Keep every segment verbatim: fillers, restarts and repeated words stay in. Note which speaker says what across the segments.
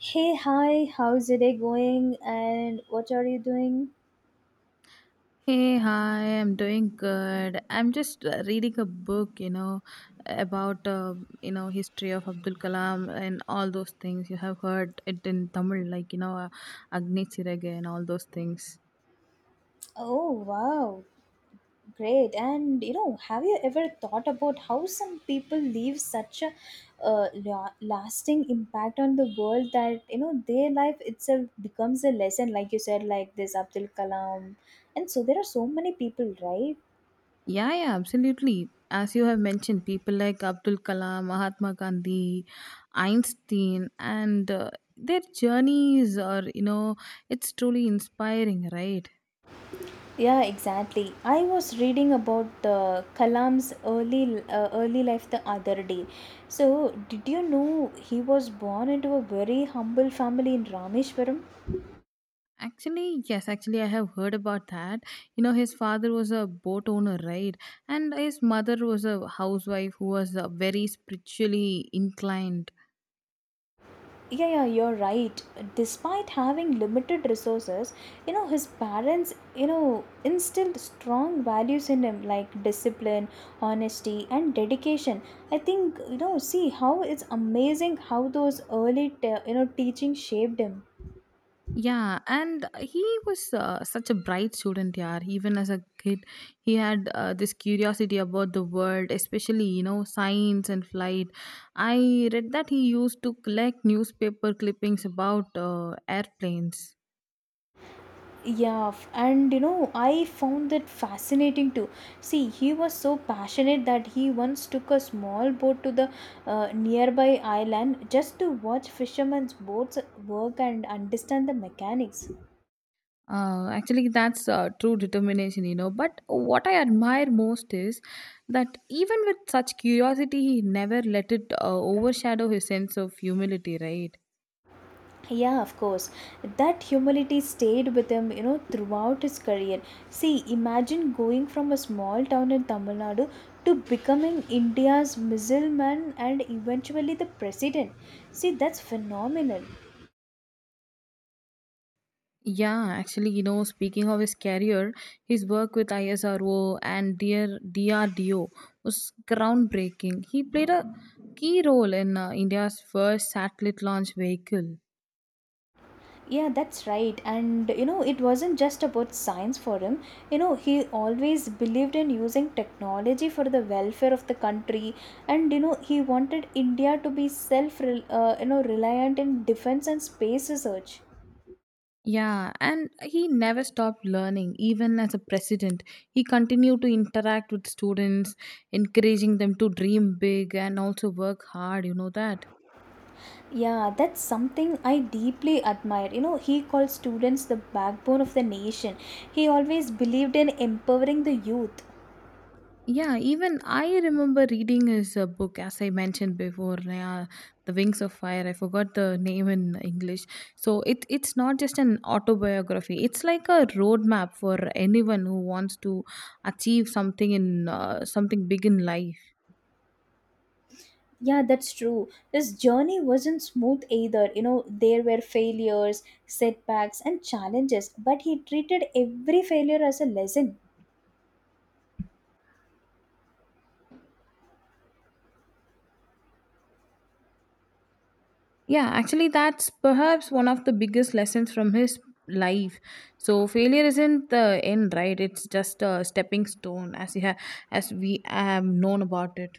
Speaker 1: Hey, hi, how's your day going and what are you doing?
Speaker 2: Hey, hi, I'm doing good. I'm just uh, reading a book, you know, about, uh, you know, history of Abdul Kalam and all those things. You have heard it in Tamil, like, you know, uh, Agni Chirage and all those things.
Speaker 1: Oh, wow, great. And you know, have you ever thought about how some people leave such a uh, la- lasting impact on the world that you know their life itself becomes a lesson, like you said, like this Abdul Kalam? And so there are so many people, right?
Speaker 2: Yeah, yeah, absolutely. As you have mentioned, people like Abdul Kalam, Mahatma Gandhi, Einstein, and uh, their journeys are, you know, it's truly inspiring, right?
Speaker 1: Yeah, exactly. I was reading about uh, Kalam's early uh, early life the other day. So, did you know he was born into a very humble family in Rameshwaram?
Speaker 2: Actually, yes, actually, I have heard about that. You know, his father was a boat owner, right? And his mother was a housewife who was uh, very spiritually inclined.
Speaker 1: Yeah, yeah, you're right. Despite having limited resources, you know, his parents, you know, instilled strong values in him like discipline, honesty, and dedication. I think, you know, see how it's amazing how those early, te- you know, teaching shaped him.
Speaker 2: Yeah, and he was uh, such a bright student, yeah. Even as a kid, he had uh, this curiosity about the world, especially, you know, science and flight. I read that he used to collect newspaper clippings about uh, airplanes.
Speaker 1: Yeah, f- and you know, I found that fascinating too. See, he was so passionate that he once took a small boat to the uh, nearby island just to watch fishermen's boats work and understand the mechanics.
Speaker 2: Uh, actually, that's uh, true determination, you know. But what I admire most is that even with such curiosity, he never let it uh, overshadow his sense of humility, right?
Speaker 1: Yeah, of course. That humility stayed with him, you know, throughout his career. See, imagine going from a small town in Tamil Nadu to becoming India's missileman and eventually the president. See, that's phenomenal.
Speaker 2: Yeah, actually, you know, speaking of his career, his work with ISRO and dear D R D O was groundbreaking. He played a key role in uh, India's first satellite launch vehicle.
Speaker 1: Yeah, that's right. And you know, it wasn't just about science for him. You know, he always believed in using technology for the welfare of the country. And you know, he wanted India to be self, uh, you know, reliant in defense and space research.
Speaker 2: Yeah, and he never stopped learning, even as a president. He continued to interact with students, encouraging them to dream big and also work hard, you know that.
Speaker 1: Yeah, that's something I deeply admire. You know, he called students the backbone of the nation. He always believed in empowering the youth.
Speaker 2: Yeah, even I remember reading his uh, book, as I mentioned before, yeah, The Wings of Fire. I forgot the name in English. So it, it's not just an autobiography, it's like a roadmap for anyone who wants to achieve something in uh, something big in life.
Speaker 1: Yeah, that's true. His journey wasn't smooth either. You know, there were failures, setbacks, and challenges, but he treated every failure as a lesson.
Speaker 2: Yeah, actually, that's perhaps one of the biggest lessons from his life. So failure isn't the end, right? It's just a stepping stone, as he ha- as we have known about it.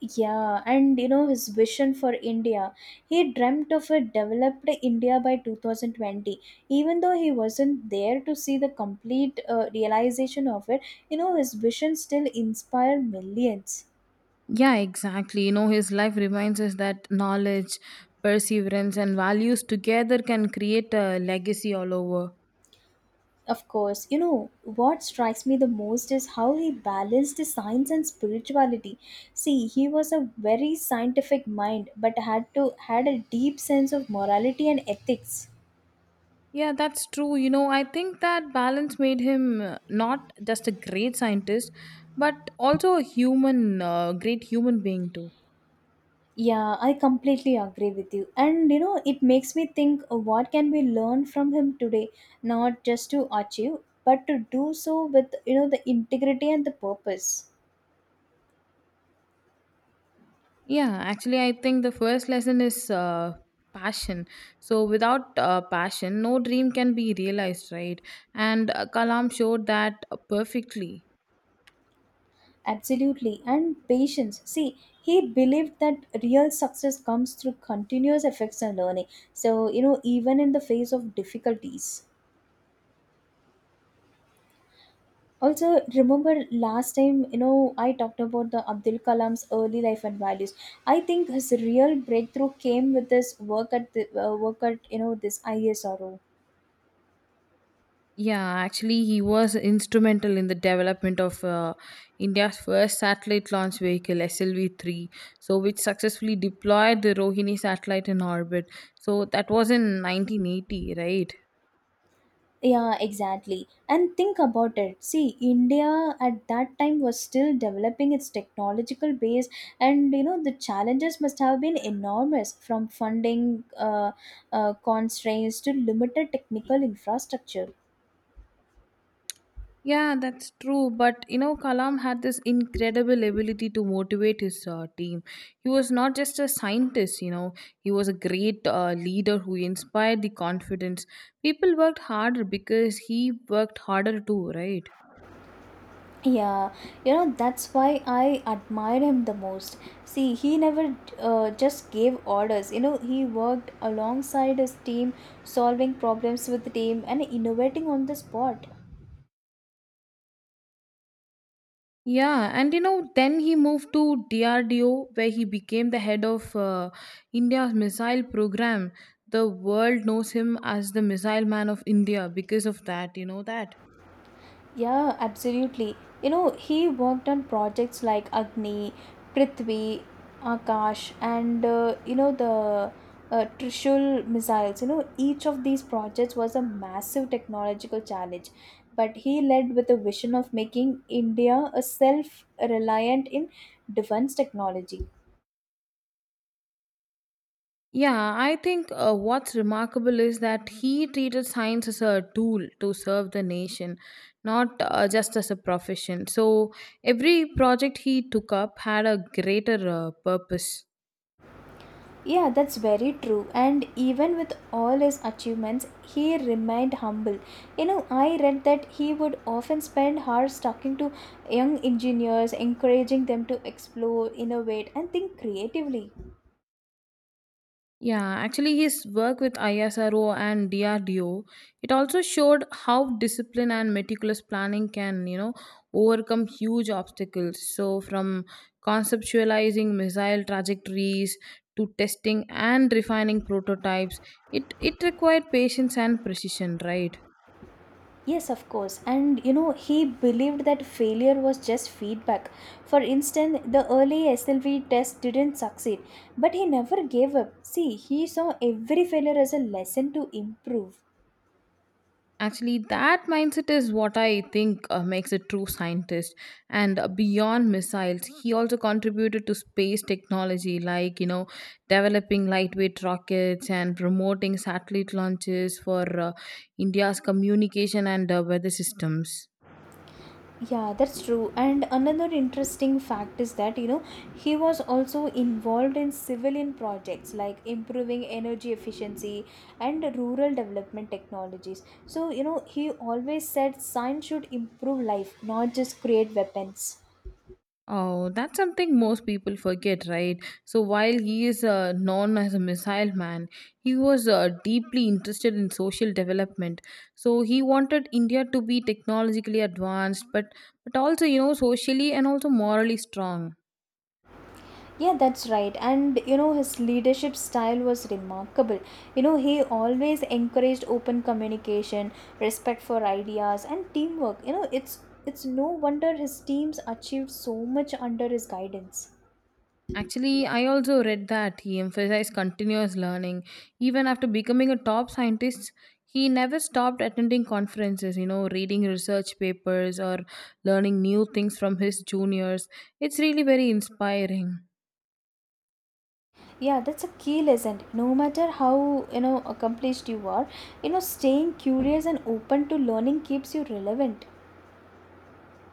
Speaker 1: Yeah, and you know, his vision for India. He dreamt of a developed India by two thousand twenty. Even though he wasn't there to see the complete uh, realization of it, you know, his vision still inspired millions.
Speaker 2: Yeah, exactly. You know, his life reminds us that knowledge, perseverance, and values together can create a legacy all over.
Speaker 1: Of course, you know, what strikes me the most is how he balanced the science and spirituality. See, he was a very scientific mind but had to had a deep sense of morality and ethics.
Speaker 2: Yeah, that's true. You know, I think that balance made him uh, not just a great scientist, but also a human, uh, great human being too.
Speaker 1: Yeah, I completely agree with you. And you know, it makes me think uh, what can we learn from him today, not just to achieve, but to do so with, you know, the integrity and the purpose.
Speaker 2: Yeah, actually, I think the first lesson is uh, passion. So, without uh, passion, no dream can be realized, right? And uh, Kalam showed that perfectly.
Speaker 1: Absolutely, and patience. See, he believed that real success comes through continuous efforts and learning. So, you know, even in the face of difficulties. Also, remember last time, you know, I talked about the Abdul Kalam's early life and values. I think his real breakthrough came with his work at the uh, work at you know this ISRO.
Speaker 2: Yeah, actually, he was instrumental in the development of uh, India's first satellite launch vehicle, S L V three, so which successfully deployed the Rohini satellite in orbit. So, that was in nineteen eighty, right?
Speaker 1: Yeah, exactly. And think about it. See, India at that time was still developing its technological base, and you know the challenges must have been enormous from funding uh, uh, constraints to limited technical infrastructure.
Speaker 2: Yeah, that's true. But you know, Kalam had this incredible ability to motivate his uh, team. He was not just a scientist, you know, he was a great uh, leader who inspired the confidence. People worked harder because he worked harder too, right?
Speaker 1: Yeah, you know that's why I admire him the most. See, he never uh, just gave orders. You know, he worked alongside his team, solving problems with the team and innovating on the spot.
Speaker 2: Yeah, and you know, then he moved to D R D O where he became the head of uh, India's missile program. The world knows him as the missile man of India because of that, you know that.
Speaker 1: Yeah, absolutely. You know, he worked on projects like Agni, Prithvi, Akash, and uh, you know the uh, Trishul missiles. You know, each of these projects was a massive technological challenge, but he led with a vision of making India a self-reliant in defense technology.
Speaker 2: Yeah, I think uh, what's remarkable is that he treated science as a tool to serve the nation, not uh, just as a profession. So every project he took up had a greater uh, purpose.
Speaker 1: Yeah, that's very true. And even with all his achievements, he remained humble. You know, I read that he would often spend hours talking to young engineers, encouraging them to explore, innovate, and think creatively.
Speaker 2: Yeah, actually, his work with ISRO and D R D O it also showed how discipline and meticulous planning can, you know, overcome huge obstacles. So, from conceptualizing missile trajectories to testing and refining prototypes, it it required patience and precision, right?
Speaker 1: Yes, of course. And you know, he believed that failure was just feedback. For instance, the early S L V test didn't succeed, but he never gave up. See, he saw every failure as a lesson to improve.
Speaker 2: Actually, that mindset is what I think uh, makes a true scientist. And uh, beyond missiles, he also contributed to space technology, like, you know, developing lightweight rockets and promoting satellite launches for uh, India's communication and uh, weather systems.
Speaker 1: Yeah, that's true. And another interesting fact is that, you know, he was also involved in civilian projects like improving energy efficiency and rural development technologies. So, you know, he always said science should improve life, not just create weapons.
Speaker 2: Oh, that's something most people forget, right? So while he is uh, known as a missile man, he was uh, deeply interested in social development. So he wanted India to be technologically advanced, but but also you know socially and also morally strong.
Speaker 1: Yeah, that's right. And you know, his leadership style was remarkable. You know, he always encouraged open communication, respect for ideas, and teamwork. You know, it's it's no wonder his teams achieved so much under his guidance.
Speaker 2: Actually, I also read that he emphasized continuous learning. Even after becoming a top scientist, he never stopped attending conferences, you know, reading research papers or learning new things from his juniors. It's really very inspiring.
Speaker 1: Yeah, that's a key lesson. No matter how, you know, accomplished you are, you know, staying curious and open to learning keeps you relevant.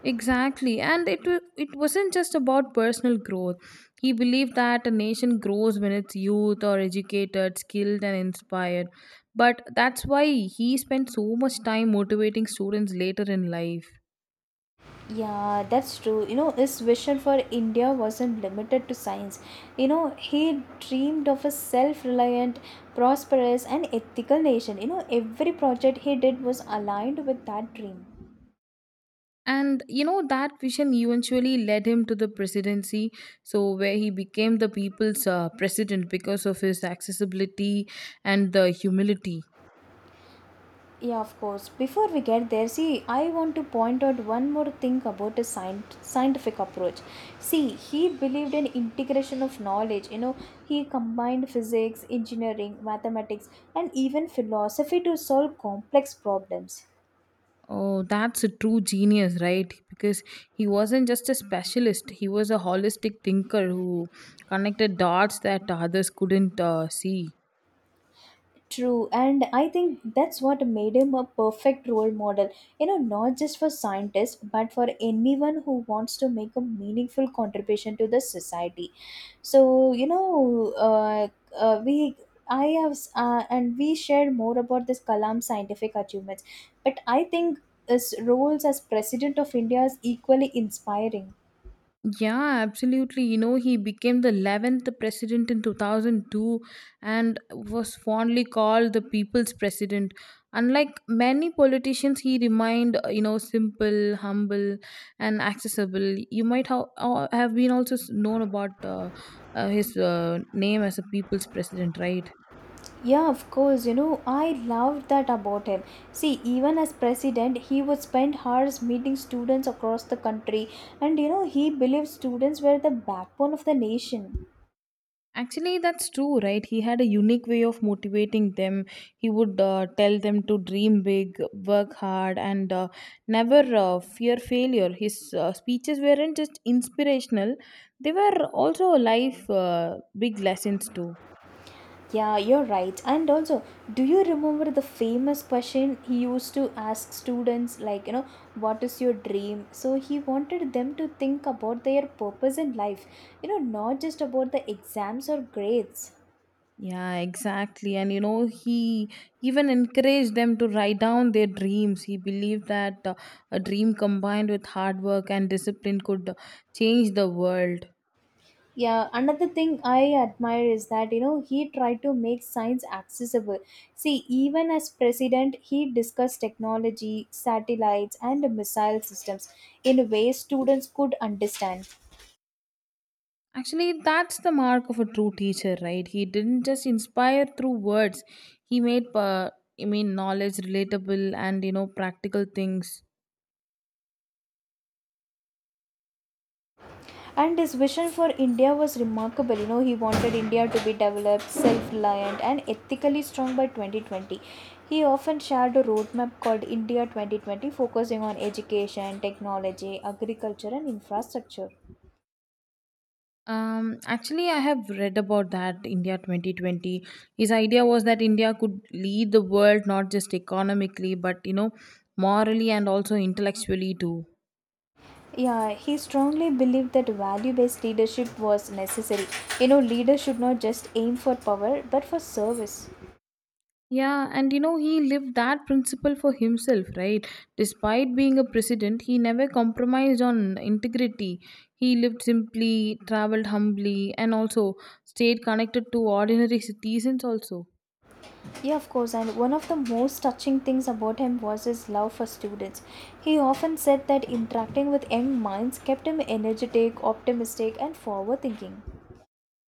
Speaker 2: Exactly. And it wa- it wasn't just about personal growth. He believed that a nation grows when its youth are educated, skilled and inspired. But that's why he spent so much time motivating students later in life.
Speaker 1: Yeah, that's true. You know, his vision for India wasn't limited to science. You know, he dreamed of a self reliant, prosperous, and ethical nation. You know, every project he did was aligned with that dream.
Speaker 2: And you know, that vision eventually led him to the presidency, so where he became the people's uh, president because of his accessibility and the humility.
Speaker 1: Yeah, of course. Before we get there, see, I want to point out one more thing about his scient- scientific approach. See, he believed in integration of knowledge. You know, he combined physics, engineering, mathematics, and even philosophy to solve complex problems.
Speaker 2: Oh, that's a true genius, right? Because he wasn't just a specialist, he was a holistic thinker who connected dots that others couldn't uh, see.
Speaker 1: True, and I think that's what made him a perfect role model. You know, not just for scientists, but for anyone who wants to make a meaningful contribution to the society. So, you know, uh, uh, we I have s- uh, and we shared more about this Kalam's scientific achievements, but I think his roles as president of India is equally inspiring.
Speaker 2: Yeah, absolutely. You know, he became the eleventh president in two thousand two and was fondly called the people's president. Unlike many politicians, he remained, uh, you know, simple, humble, and accessible. You might ha- uh, have been also s- known about uh, uh, his uh, name as a people's president, right?
Speaker 1: Yeah, of course. You know, I loved that about him. See, even as president, he would spend hours meeting students across the country, and you know, he believed students were the backbone of the nation.
Speaker 2: Actually, that's true, right? He had a unique way of motivating them. He would uh, tell them to dream big, work hard, and uh, never uh, fear failure. His uh, speeches weren't just inspirational, they were also life uh, big lessons, too.
Speaker 1: Yeah, you're right. And also, do you remember the famous question he used to ask students, like, you know, what is your dream? So, he wanted them to think about their purpose in life, you know, not just about the exams or grades.
Speaker 2: Yeah, exactly. And you know, he even encouraged them to write down their dreams. He believed that uh, a dream combined with hard work and discipline could uh, change the world.
Speaker 1: Yeah, another thing I admire is that you know he tried to make science accessible. See, even as president, he discussed technology, satellites, and missile systems in ways students could understand.
Speaker 2: Actually, that's the mark of a true teacher, right? He didn't just inspire through words. He made, uh, I mean, knowledge relatable and you know practical things.
Speaker 1: And his vision for India was remarkable. You know, he wanted India to be developed, self-reliant, and ethically strong by twenty twenty. He often shared a roadmap called India twenty twenty, focusing on education, technology, agriculture, and infrastructure.
Speaker 2: Um, actually, I have read about that India twenty twenty. His idea was that India could lead the world not just economically, but you know, morally and also intellectually too.
Speaker 1: Yeah, he strongly believed that value based leadership was necessary. You know, leaders should not just aim for power but for service.
Speaker 2: Yeah, and you know, he lived that principle for himself, right? Despite being a president, he never compromised on integrity. He lived simply, traveled humbly, and also stayed connected to ordinary citizens, also.
Speaker 1: Yeah, of course, and one of the most touching things about him was his love for students. He often said that interacting with young minds kept him energetic, optimistic, and forward thinking.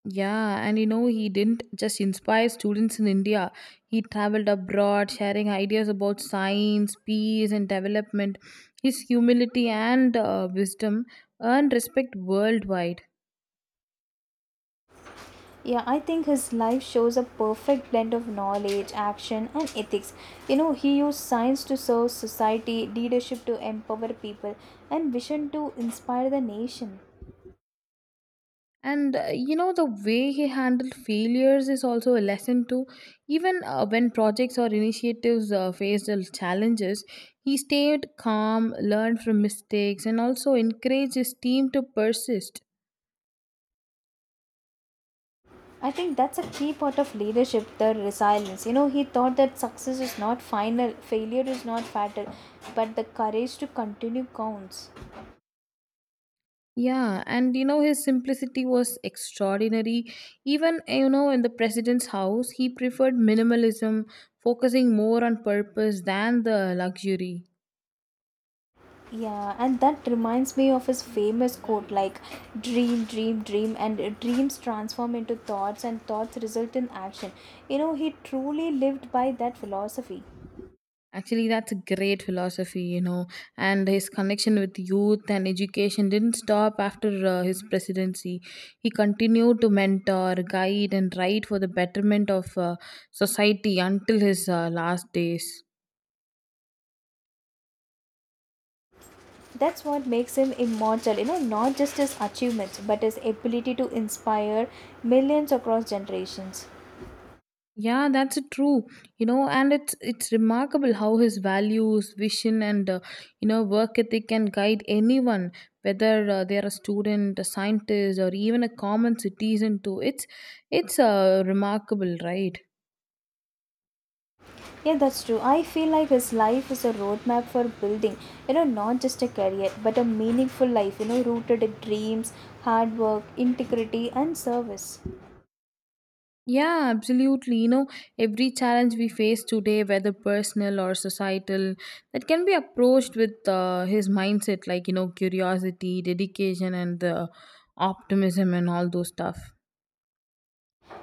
Speaker 2: Yeah, and you know, he didn't just inspire students in India. He traveled abroad, sharing ideas about science, peace, and development. His humility and uh, wisdom earned respect worldwide.
Speaker 1: Yeah, I think his life shows a perfect blend of knowledge, action, and ethics. You know, he used science to serve society, leadership to empower people, and vision to inspire the nation.
Speaker 2: And uh, you know the way he handled failures is also a lesson too, even uh, when projects or initiatives uh, faced l- challenges, he stayed calm, learned from mistakes and also encouraged his team to persist.
Speaker 1: I think that's a key part of leadership, the resilience. You know, he thought that success is not final, failure is not fatal, but the courage to continue counts.
Speaker 2: Yeah, and you know his simplicity was extraordinary, even uh, you know in the president's house he preferred minimalism, focusing more on purpose than the luxury.
Speaker 1: Yeah, and that reminds me of his famous quote like, dream, dream, dream, and uh, dreams transform into thoughts, and thoughts result in action. You know, he truly lived by that philosophy.
Speaker 2: Actually, that's a great philosophy, you know, and his connection with youth and education didn't stop after uh, his presidency. He continued to mentor, guide, and write for the betterment of uh, society until his uh, last days.
Speaker 1: That's what makes him immortal, you know, not just his achievements, but his ability to inspire millions across generations.
Speaker 2: Yeah, that's true. You know, and it's it's remarkable how his values, vision, and uh, you know work ethic can guide anyone, whether uh, they're a student, a scientist, or even a common citizen. Too, it's it's uh, remarkable, right?
Speaker 1: Yeah, that's true. I feel like his life is a roadmap for building, you know, not just a career, but a meaningful life, you know, rooted in dreams, hard work, integrity, and service.
Speaker 2: Yeah, absolutely. You know, every challenge we face today, whether personal or societal, that can be approached with uh, his mindset, like, you know, curiosity, dedication, and the optimism and all those stuff.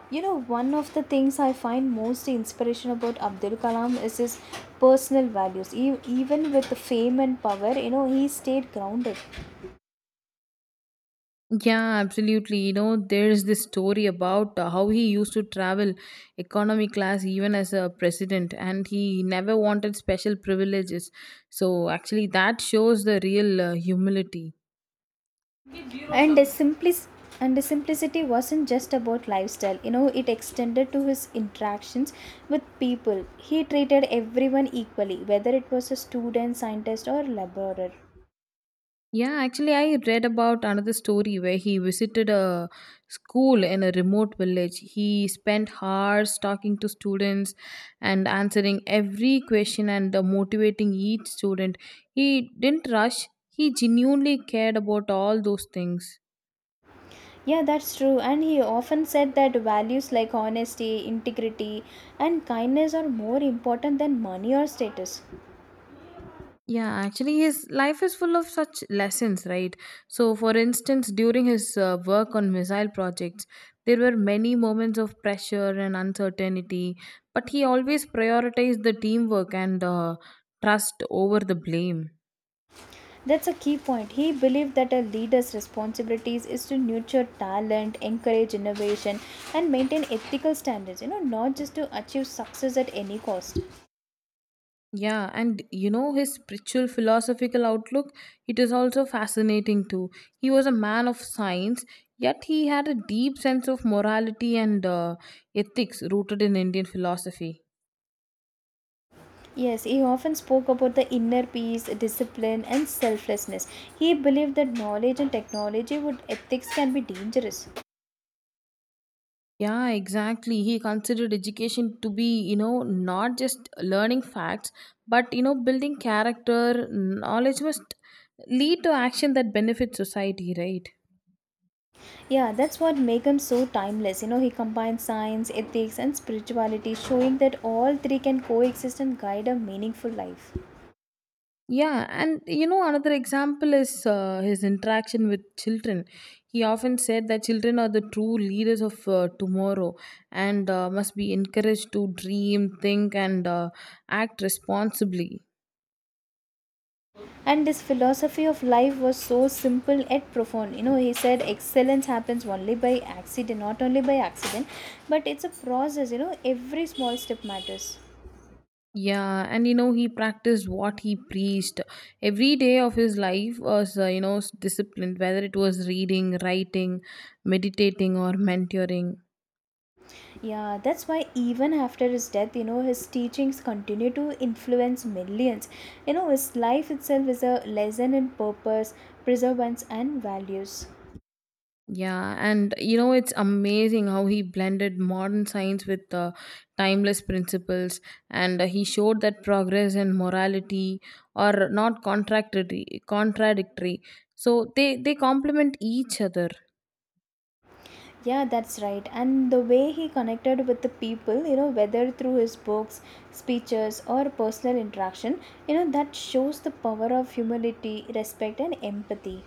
Speaker 1: You know, one of the things I find most inspiration about Abdul Kalam is his personal values. E- even with the fame and power, you know, he stayed grounded.
Speaker 2: Yeah, absolutely. You know, there's this story about uh, how he used to travel economy class even as a president and he never wanted special privileges. So, actually, that shows the real uh, humility.
Speaker 1: And the simplic- and the simplicity wasn't just about lifestyle. You know, it extended to his interactions with people. He treated everyone equally, whether it was a student, scientist, or laborer.
Speaker 2: Yeah, actually, I read about another story where he visited a school in a remote village. He spent hours talking to students and answering every question and uh, motivating each student. He didn't rush, he genuinely cared about all those things.
Speaker 1: Yeah, that's true. And he often said that values like honesty, integrity, and kindness are more important than money or status.
Speaker 2: Yeah, actually, his life is full of such lessons, right? So, for instance, during his uh, work on missile projects, there were many moments of pressure and uncertainty, but he always prioritized the teamwork and uh, trust over the blame.
Speaker 1: That's a key point. He believed that a leader's responsibilities is to nurture talent, encourage innovation, and maintain ethical standards, you know, not just to achieve success at any cost.
Speaker 2: Yeah, and you know, his spiritual philosophical outlook, it is also fascinating too. He was a man of science, yet he had a deep sense of morality and uh, ethics rooted in Indian philosophy.
Speaker 1: Yes, he often spoke about the inner peace, discipline, and selflessness. He believed that knowledge and technology would ethics can be dangerous.
Speaker 2: Yeah, exactly. He considered education to be, you know, not just learning facts, but, you know, building character. Knowledge must lead to action that benefits society, right?
Speaker 1: Yeah, that's what makes him so timeless. You know, he combines science, ethics, and spirituality, showing that all three can coexist and guide a meaningful life.
Speaker 2: Yeah, and you know, another example is uh, his interaction with children. He often said that children are the true leaders of uh, tomorrow and uh, must be encouraged to dream, think, and uh, act responsibly.
Speaker 1: And his philosophy of life was so simple yet profound. You know, he said excellence happens only by accident, not only by accident, but it's a process, you know, every small step matters.
Speaker 2: Yeah, and you know, he practiced what he preached. Every day of his life was, uh, you know, s- disciplined, whether it was reading, writing, meditating, or mentoring.
Speaker 1: Yeah, that's why even after his death, you know, his teachings continue to influence millions. You know, his life itself is a lesson in purpose, perseverance, and values.
Speaker 2: Yeah, and you know, it's amazing how he blended modern science with uh, timeless principles, and uh, he showed that progress and morality are not contradictory. contradictory. So they, they complement each other.
Speaker 1: Yeah, that's right. And the way he connected with the people, you know, whether through his books, speeches, or personal interaction, you know, that shows the power of humility, respect, and empathy.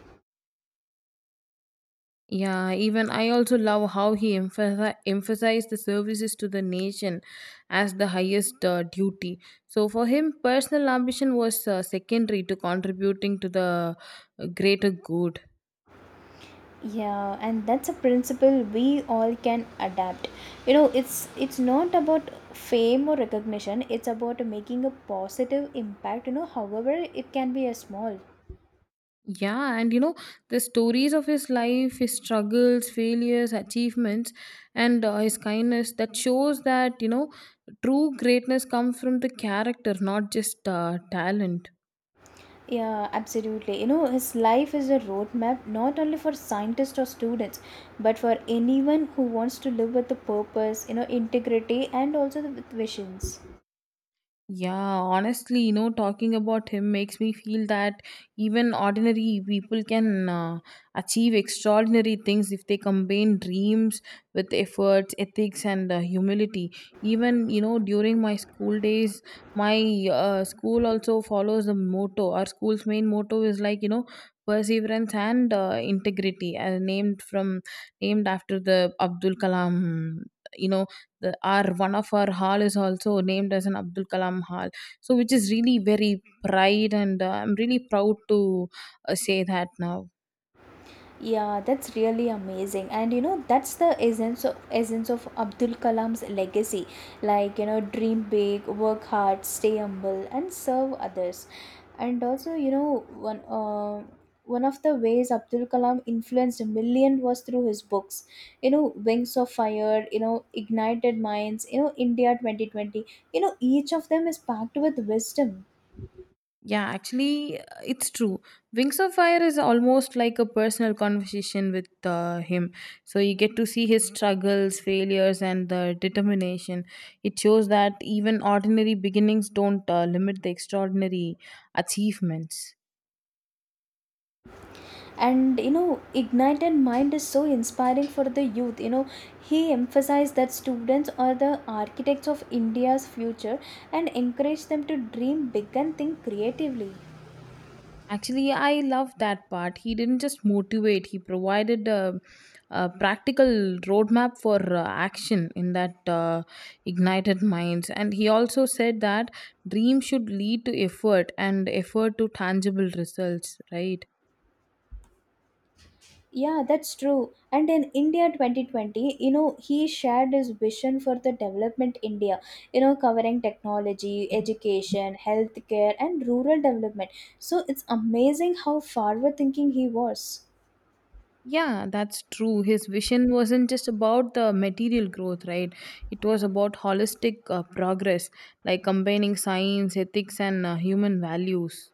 Speaker 2: Yeah, even I also love how he emphasi- emphasized the services to the nation as the highest uh, duty. So for him, personal ambition was uh, secondary to contributing to the uh, greater good.
Speaker 1: Yeah, and that's a principle we all can adapt. You know, it's it's not about fame or recognition. It's about making a positive impact, you know, however it can be a small.
Speaker 2: Yeah, and you know, the stories of his life, his struggles, failures, achievements, and uh, his kindness that shows that, you know, true greatness comes from the character, not just uh, talent.
Speaker 1: Yeah, absolutely. You know, his life is a roadmap not only for scientists or students, but for anyone who wants to live with a purpose, you know, integrity, and also with visions.
Speaker 2: Yeah, honestly, you know, talking about him makes me feel that even ordinary people can uh, achieve extraordinary things if they combine dreams with efforts, ethics, and uh, humility. Even, you know, during my school days, my uh, school also follows the motto. Our school's main motto is like, you know, perseverance and uh, integrity, uh, named from named after the Abdul Kalam, you know, the our one of our hall is also named as an Abdul Kalam hall, so which is really very pride and uh, I'm really proud to uh, say that now.
Speaker 1: Yeah, that's really amazing. And you know, that's the essence of essence of Abdul Kalam's legacy. Like, you know, dream big, work hard, stay humble and serve others. And also, you know, one uh, one of the ways Abdul Kalam influenced millions was through his books. You know, Wings of Fire, you know, Ignited Minds, you know, India twenty twenty. You know, each of them is packed with wisdom.
Speaker 2: Yeah, actually, uh, it's true. Wings of Fire is almost like a personal conversation with uh, him. So you get to see his struggles, failures, and the determination. It shows that even ordinary beginnings don't uh, limit the extraordinary achievements.
Speaker 1: And you know, Ignited Mind is so inspiring for the youth. You know, he emphasized that students are the architects of India's future and encouraged them to dream big and think creatively.
Speaker 2: Actually, I love that part. He didn't just motivate, he provided a, a practical roadmap for uh, action in that uh, Ignited Minds. And he also said that dream should lead to effort and effort to tangible results, right?
Speaker 1: Yeah, that's true. And in India twenty twenty, you know, he shared his vision for the development India, you know, covering technology, education, healthcare and rural development. So it's amazing how forward thinking he was.
Speaker 2: Yeah, that's true. His vision wasn't just about the material growth, right? It was about holistic uh, progress, like combining science, ethics, and uh, human values.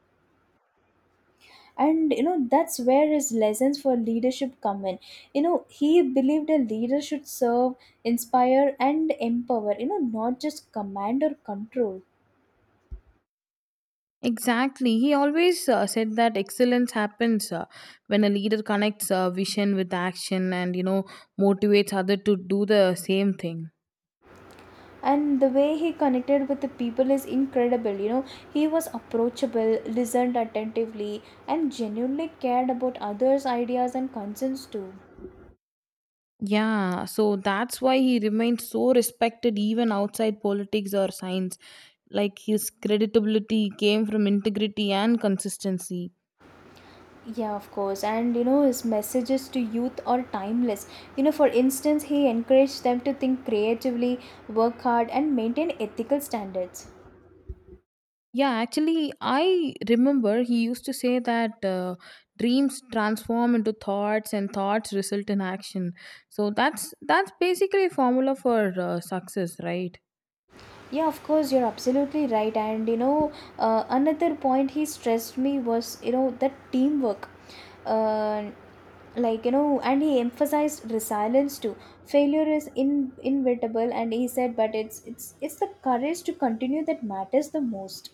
Speaker 1: And you know, that's where his lessons for leadership come in. You know, he believed a leader should serve, inspire and empower, you know, not just command or control.
Speaker 2: Exactly. He always uh, said that excellence happens uh, when a leader connects uh, vision with action and, you know, motivates other to do the same thing.
Speaker 1: And the way he connected with the people is incredible. You know, he was approachable, listened attentively, and genuinely cared about others ideas and concerns too.
Speaker 2: Yeah, so that's why he remains so respected even outside politics or science. Like his credibility came from integrity and consistency.
Speaker 1: Yeah, of course. And you know, his messages to youth are timeless. You know, for instance, he encouraged them to think creatively, work hard, and maintain ethical standards.
Speaker 2: Yeah, actually, I remember he used to say that uh, dreams transform into thoughts, and thoughts result in action. So that's that's basically a formula for uh, success, right?
Speaker 1: Yeah, of course, you're absolutely right. And you know, uh, another point he stressed me was, you know, the teamwork. Uh, like, you know, and he emphasized resilience too. Failure is in inevitable, and he said but it's it's it's the courage to continue that matters the most.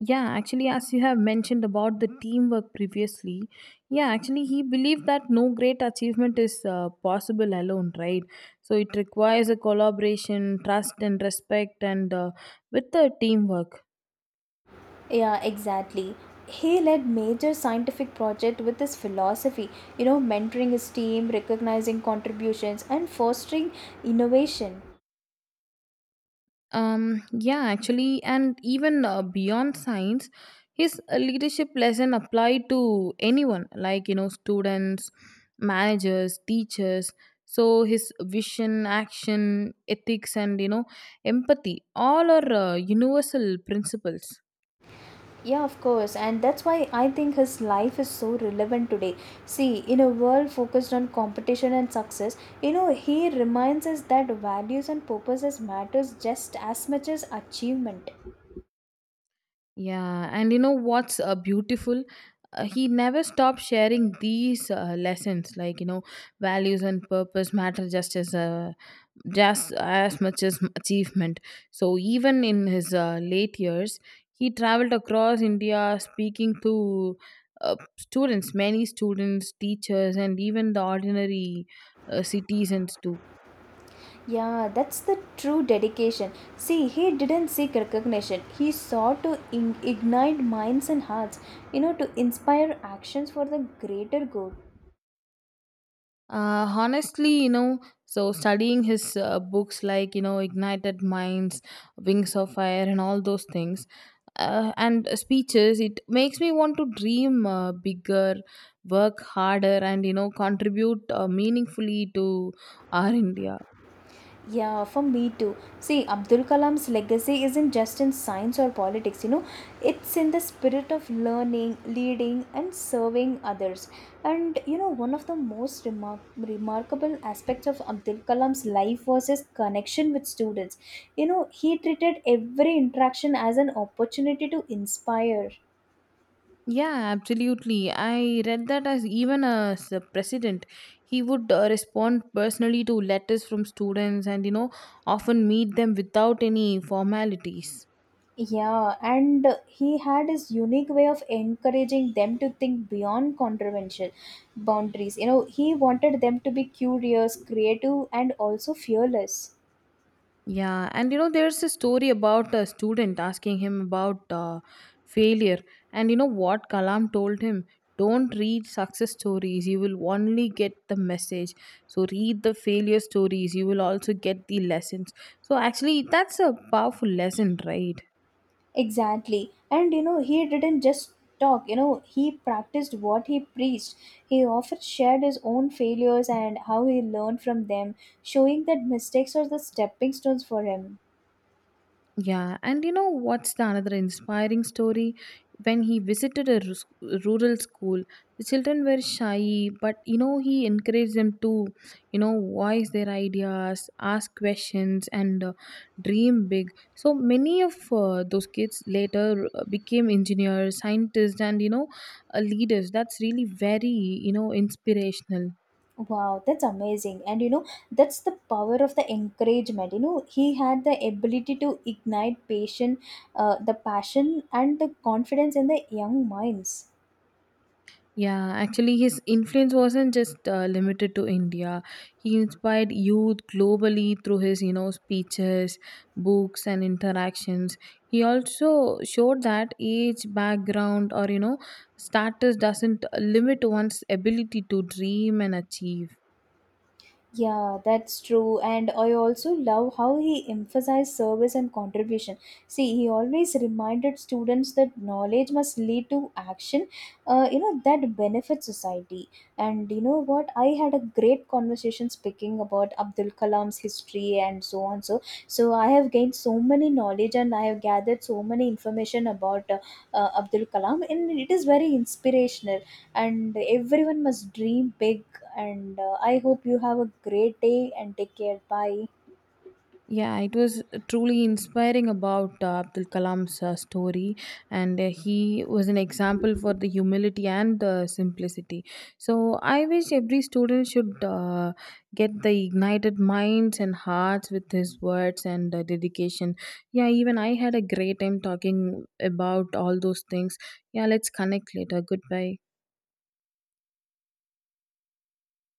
Speaker 2: Yeah, actually, as you have mentioned about the teamwork previously, yeah, actually, he believed that no great achievement is uh, possible alone, right? So it requires a collaboration, trust, and respect, and uh, with the teamwork.
Speaker 1: Yeah, exactly. He led major scientific project with his philosophy, you know, mentoring his team, recognizing contributions and fostering innovation.
Speaker 2: Um, yeah, actually, and even uh, beyond science, his uh, leadership lesson applied to anyone, like you know, students, managers, teachers. So his vision, action, ethics, and you know, empathy all are uh, universal principles.
Speaker 1: Yeah, of course, and that's why I think his life is so relevant today. See, in a world focused on competition and success, you know, he reminds us that values and purposes matters just as much as achievement.
Speaker 2: Yeah, and you know what's uh, beautiful? Uh, he never stopped sharing these uh, lessons, like you know, values and purpose matter just as uh, just as much as achievement. So even in his uh, late years, he traveled across India, speaking to uh, students, many students, teachers, and even the ordinary uh, citizens too.
Speaker 1: Yeah, that's the true dedication. See, he didn't seek recognition. He sought to in- ignite minds and hearts, you know, to inspire actions for the greater good.
Speaker 2: Uh, honestly, you know, so studying his uh, books like, you know, Ignited Minds, Wings of Fire, and all those things, uh, and speeches, it makes me want to dream uh, bigger, work harder, and, you know, contribute uh, meaningfully to our India.
Speaker 1: Yeah, for me too. See, Abdul Kalam's legacy isn't just in science or politics. You know, it's in the spirit of learning, leading, and serving others. And you know, one of the most remar- remarkable aspects of Abdul Kalam's life was his connection with students. You know, he treated every interaction as an opportunity to inspire.
Speaker 2: Yeah, absolutely. I read that as even as a president, he would uh, respond personally to letters from students and, you know, often meet them without any formalities.
Speaker 1: Yeah, and he had his unique way of encouraging them to think beyond controversial boundaries. You know, he wanted them to be curious, creative, and also fearless.
Speaker 2: Yeah, and you know, there's a story about a student asking him about uh, failure, and you know what Kalam told him? Don't read success stories, you will only get the message. So, read the failure stories, you will also get the lessons. So, actually, that's a powerful lesson, right?
Speaker 1: Exactly. And you know, he didn't just talk. You know, he practiced what he preached. He often shared his own failures and how he learned from them, showing that mistakes are the stepping stones for him.
Speaker 2: Yeah, and you know what's the another inspiring story? When he visited a rus- rural school, the children were shy, but you know he encouraged them to, you know, voice their ideas, ask questions, and uh, dream big. So many of uh, those kids later uh, became engineers, scientists, and you know, uh, leaders. That's really very, you know, inspirational.
Speaker 1: Wow, that's amazing. And you know, that's the power of the encouragement. You know, he had the ability to ignite passion, uh, the passion and the confidence in the young minds.
Speaker 2: Yeah, actually, his influence wasn't just uh, limited to India. He inspired youth globally through his, you know, speeches, books, and interactions. He also showed that age, background, or you know, status doesn't uh, limit one's ability to dream and achieve.
Speaker 1: Yeah, that's true. And I also love how he emphasized service and contribution. See, he always reminded students that knowledge must lead to action, uh, you know, that benefits society. And you know what? I had a great conversation speaking about Abdul Kalam's history and so on. So, so I have gained so many knowledge and I have gathered so many information about uh, uh, Abdul Kalam, and it is very inspirational. And everyone must dream big and uh, I hope you have a great day and take care. Bye.
Speaker 2: Yeah, it was truly inspiring about uh, Abdul Kalam's uh, story, and uh, he was an example for the humility and the simplicity. So, I wish every student should uh, get the ignited minds and hearts with his words and uh, dedication. Yeah, even I had a great time talking about all those things. Yeah, let's connect later. Goodbye.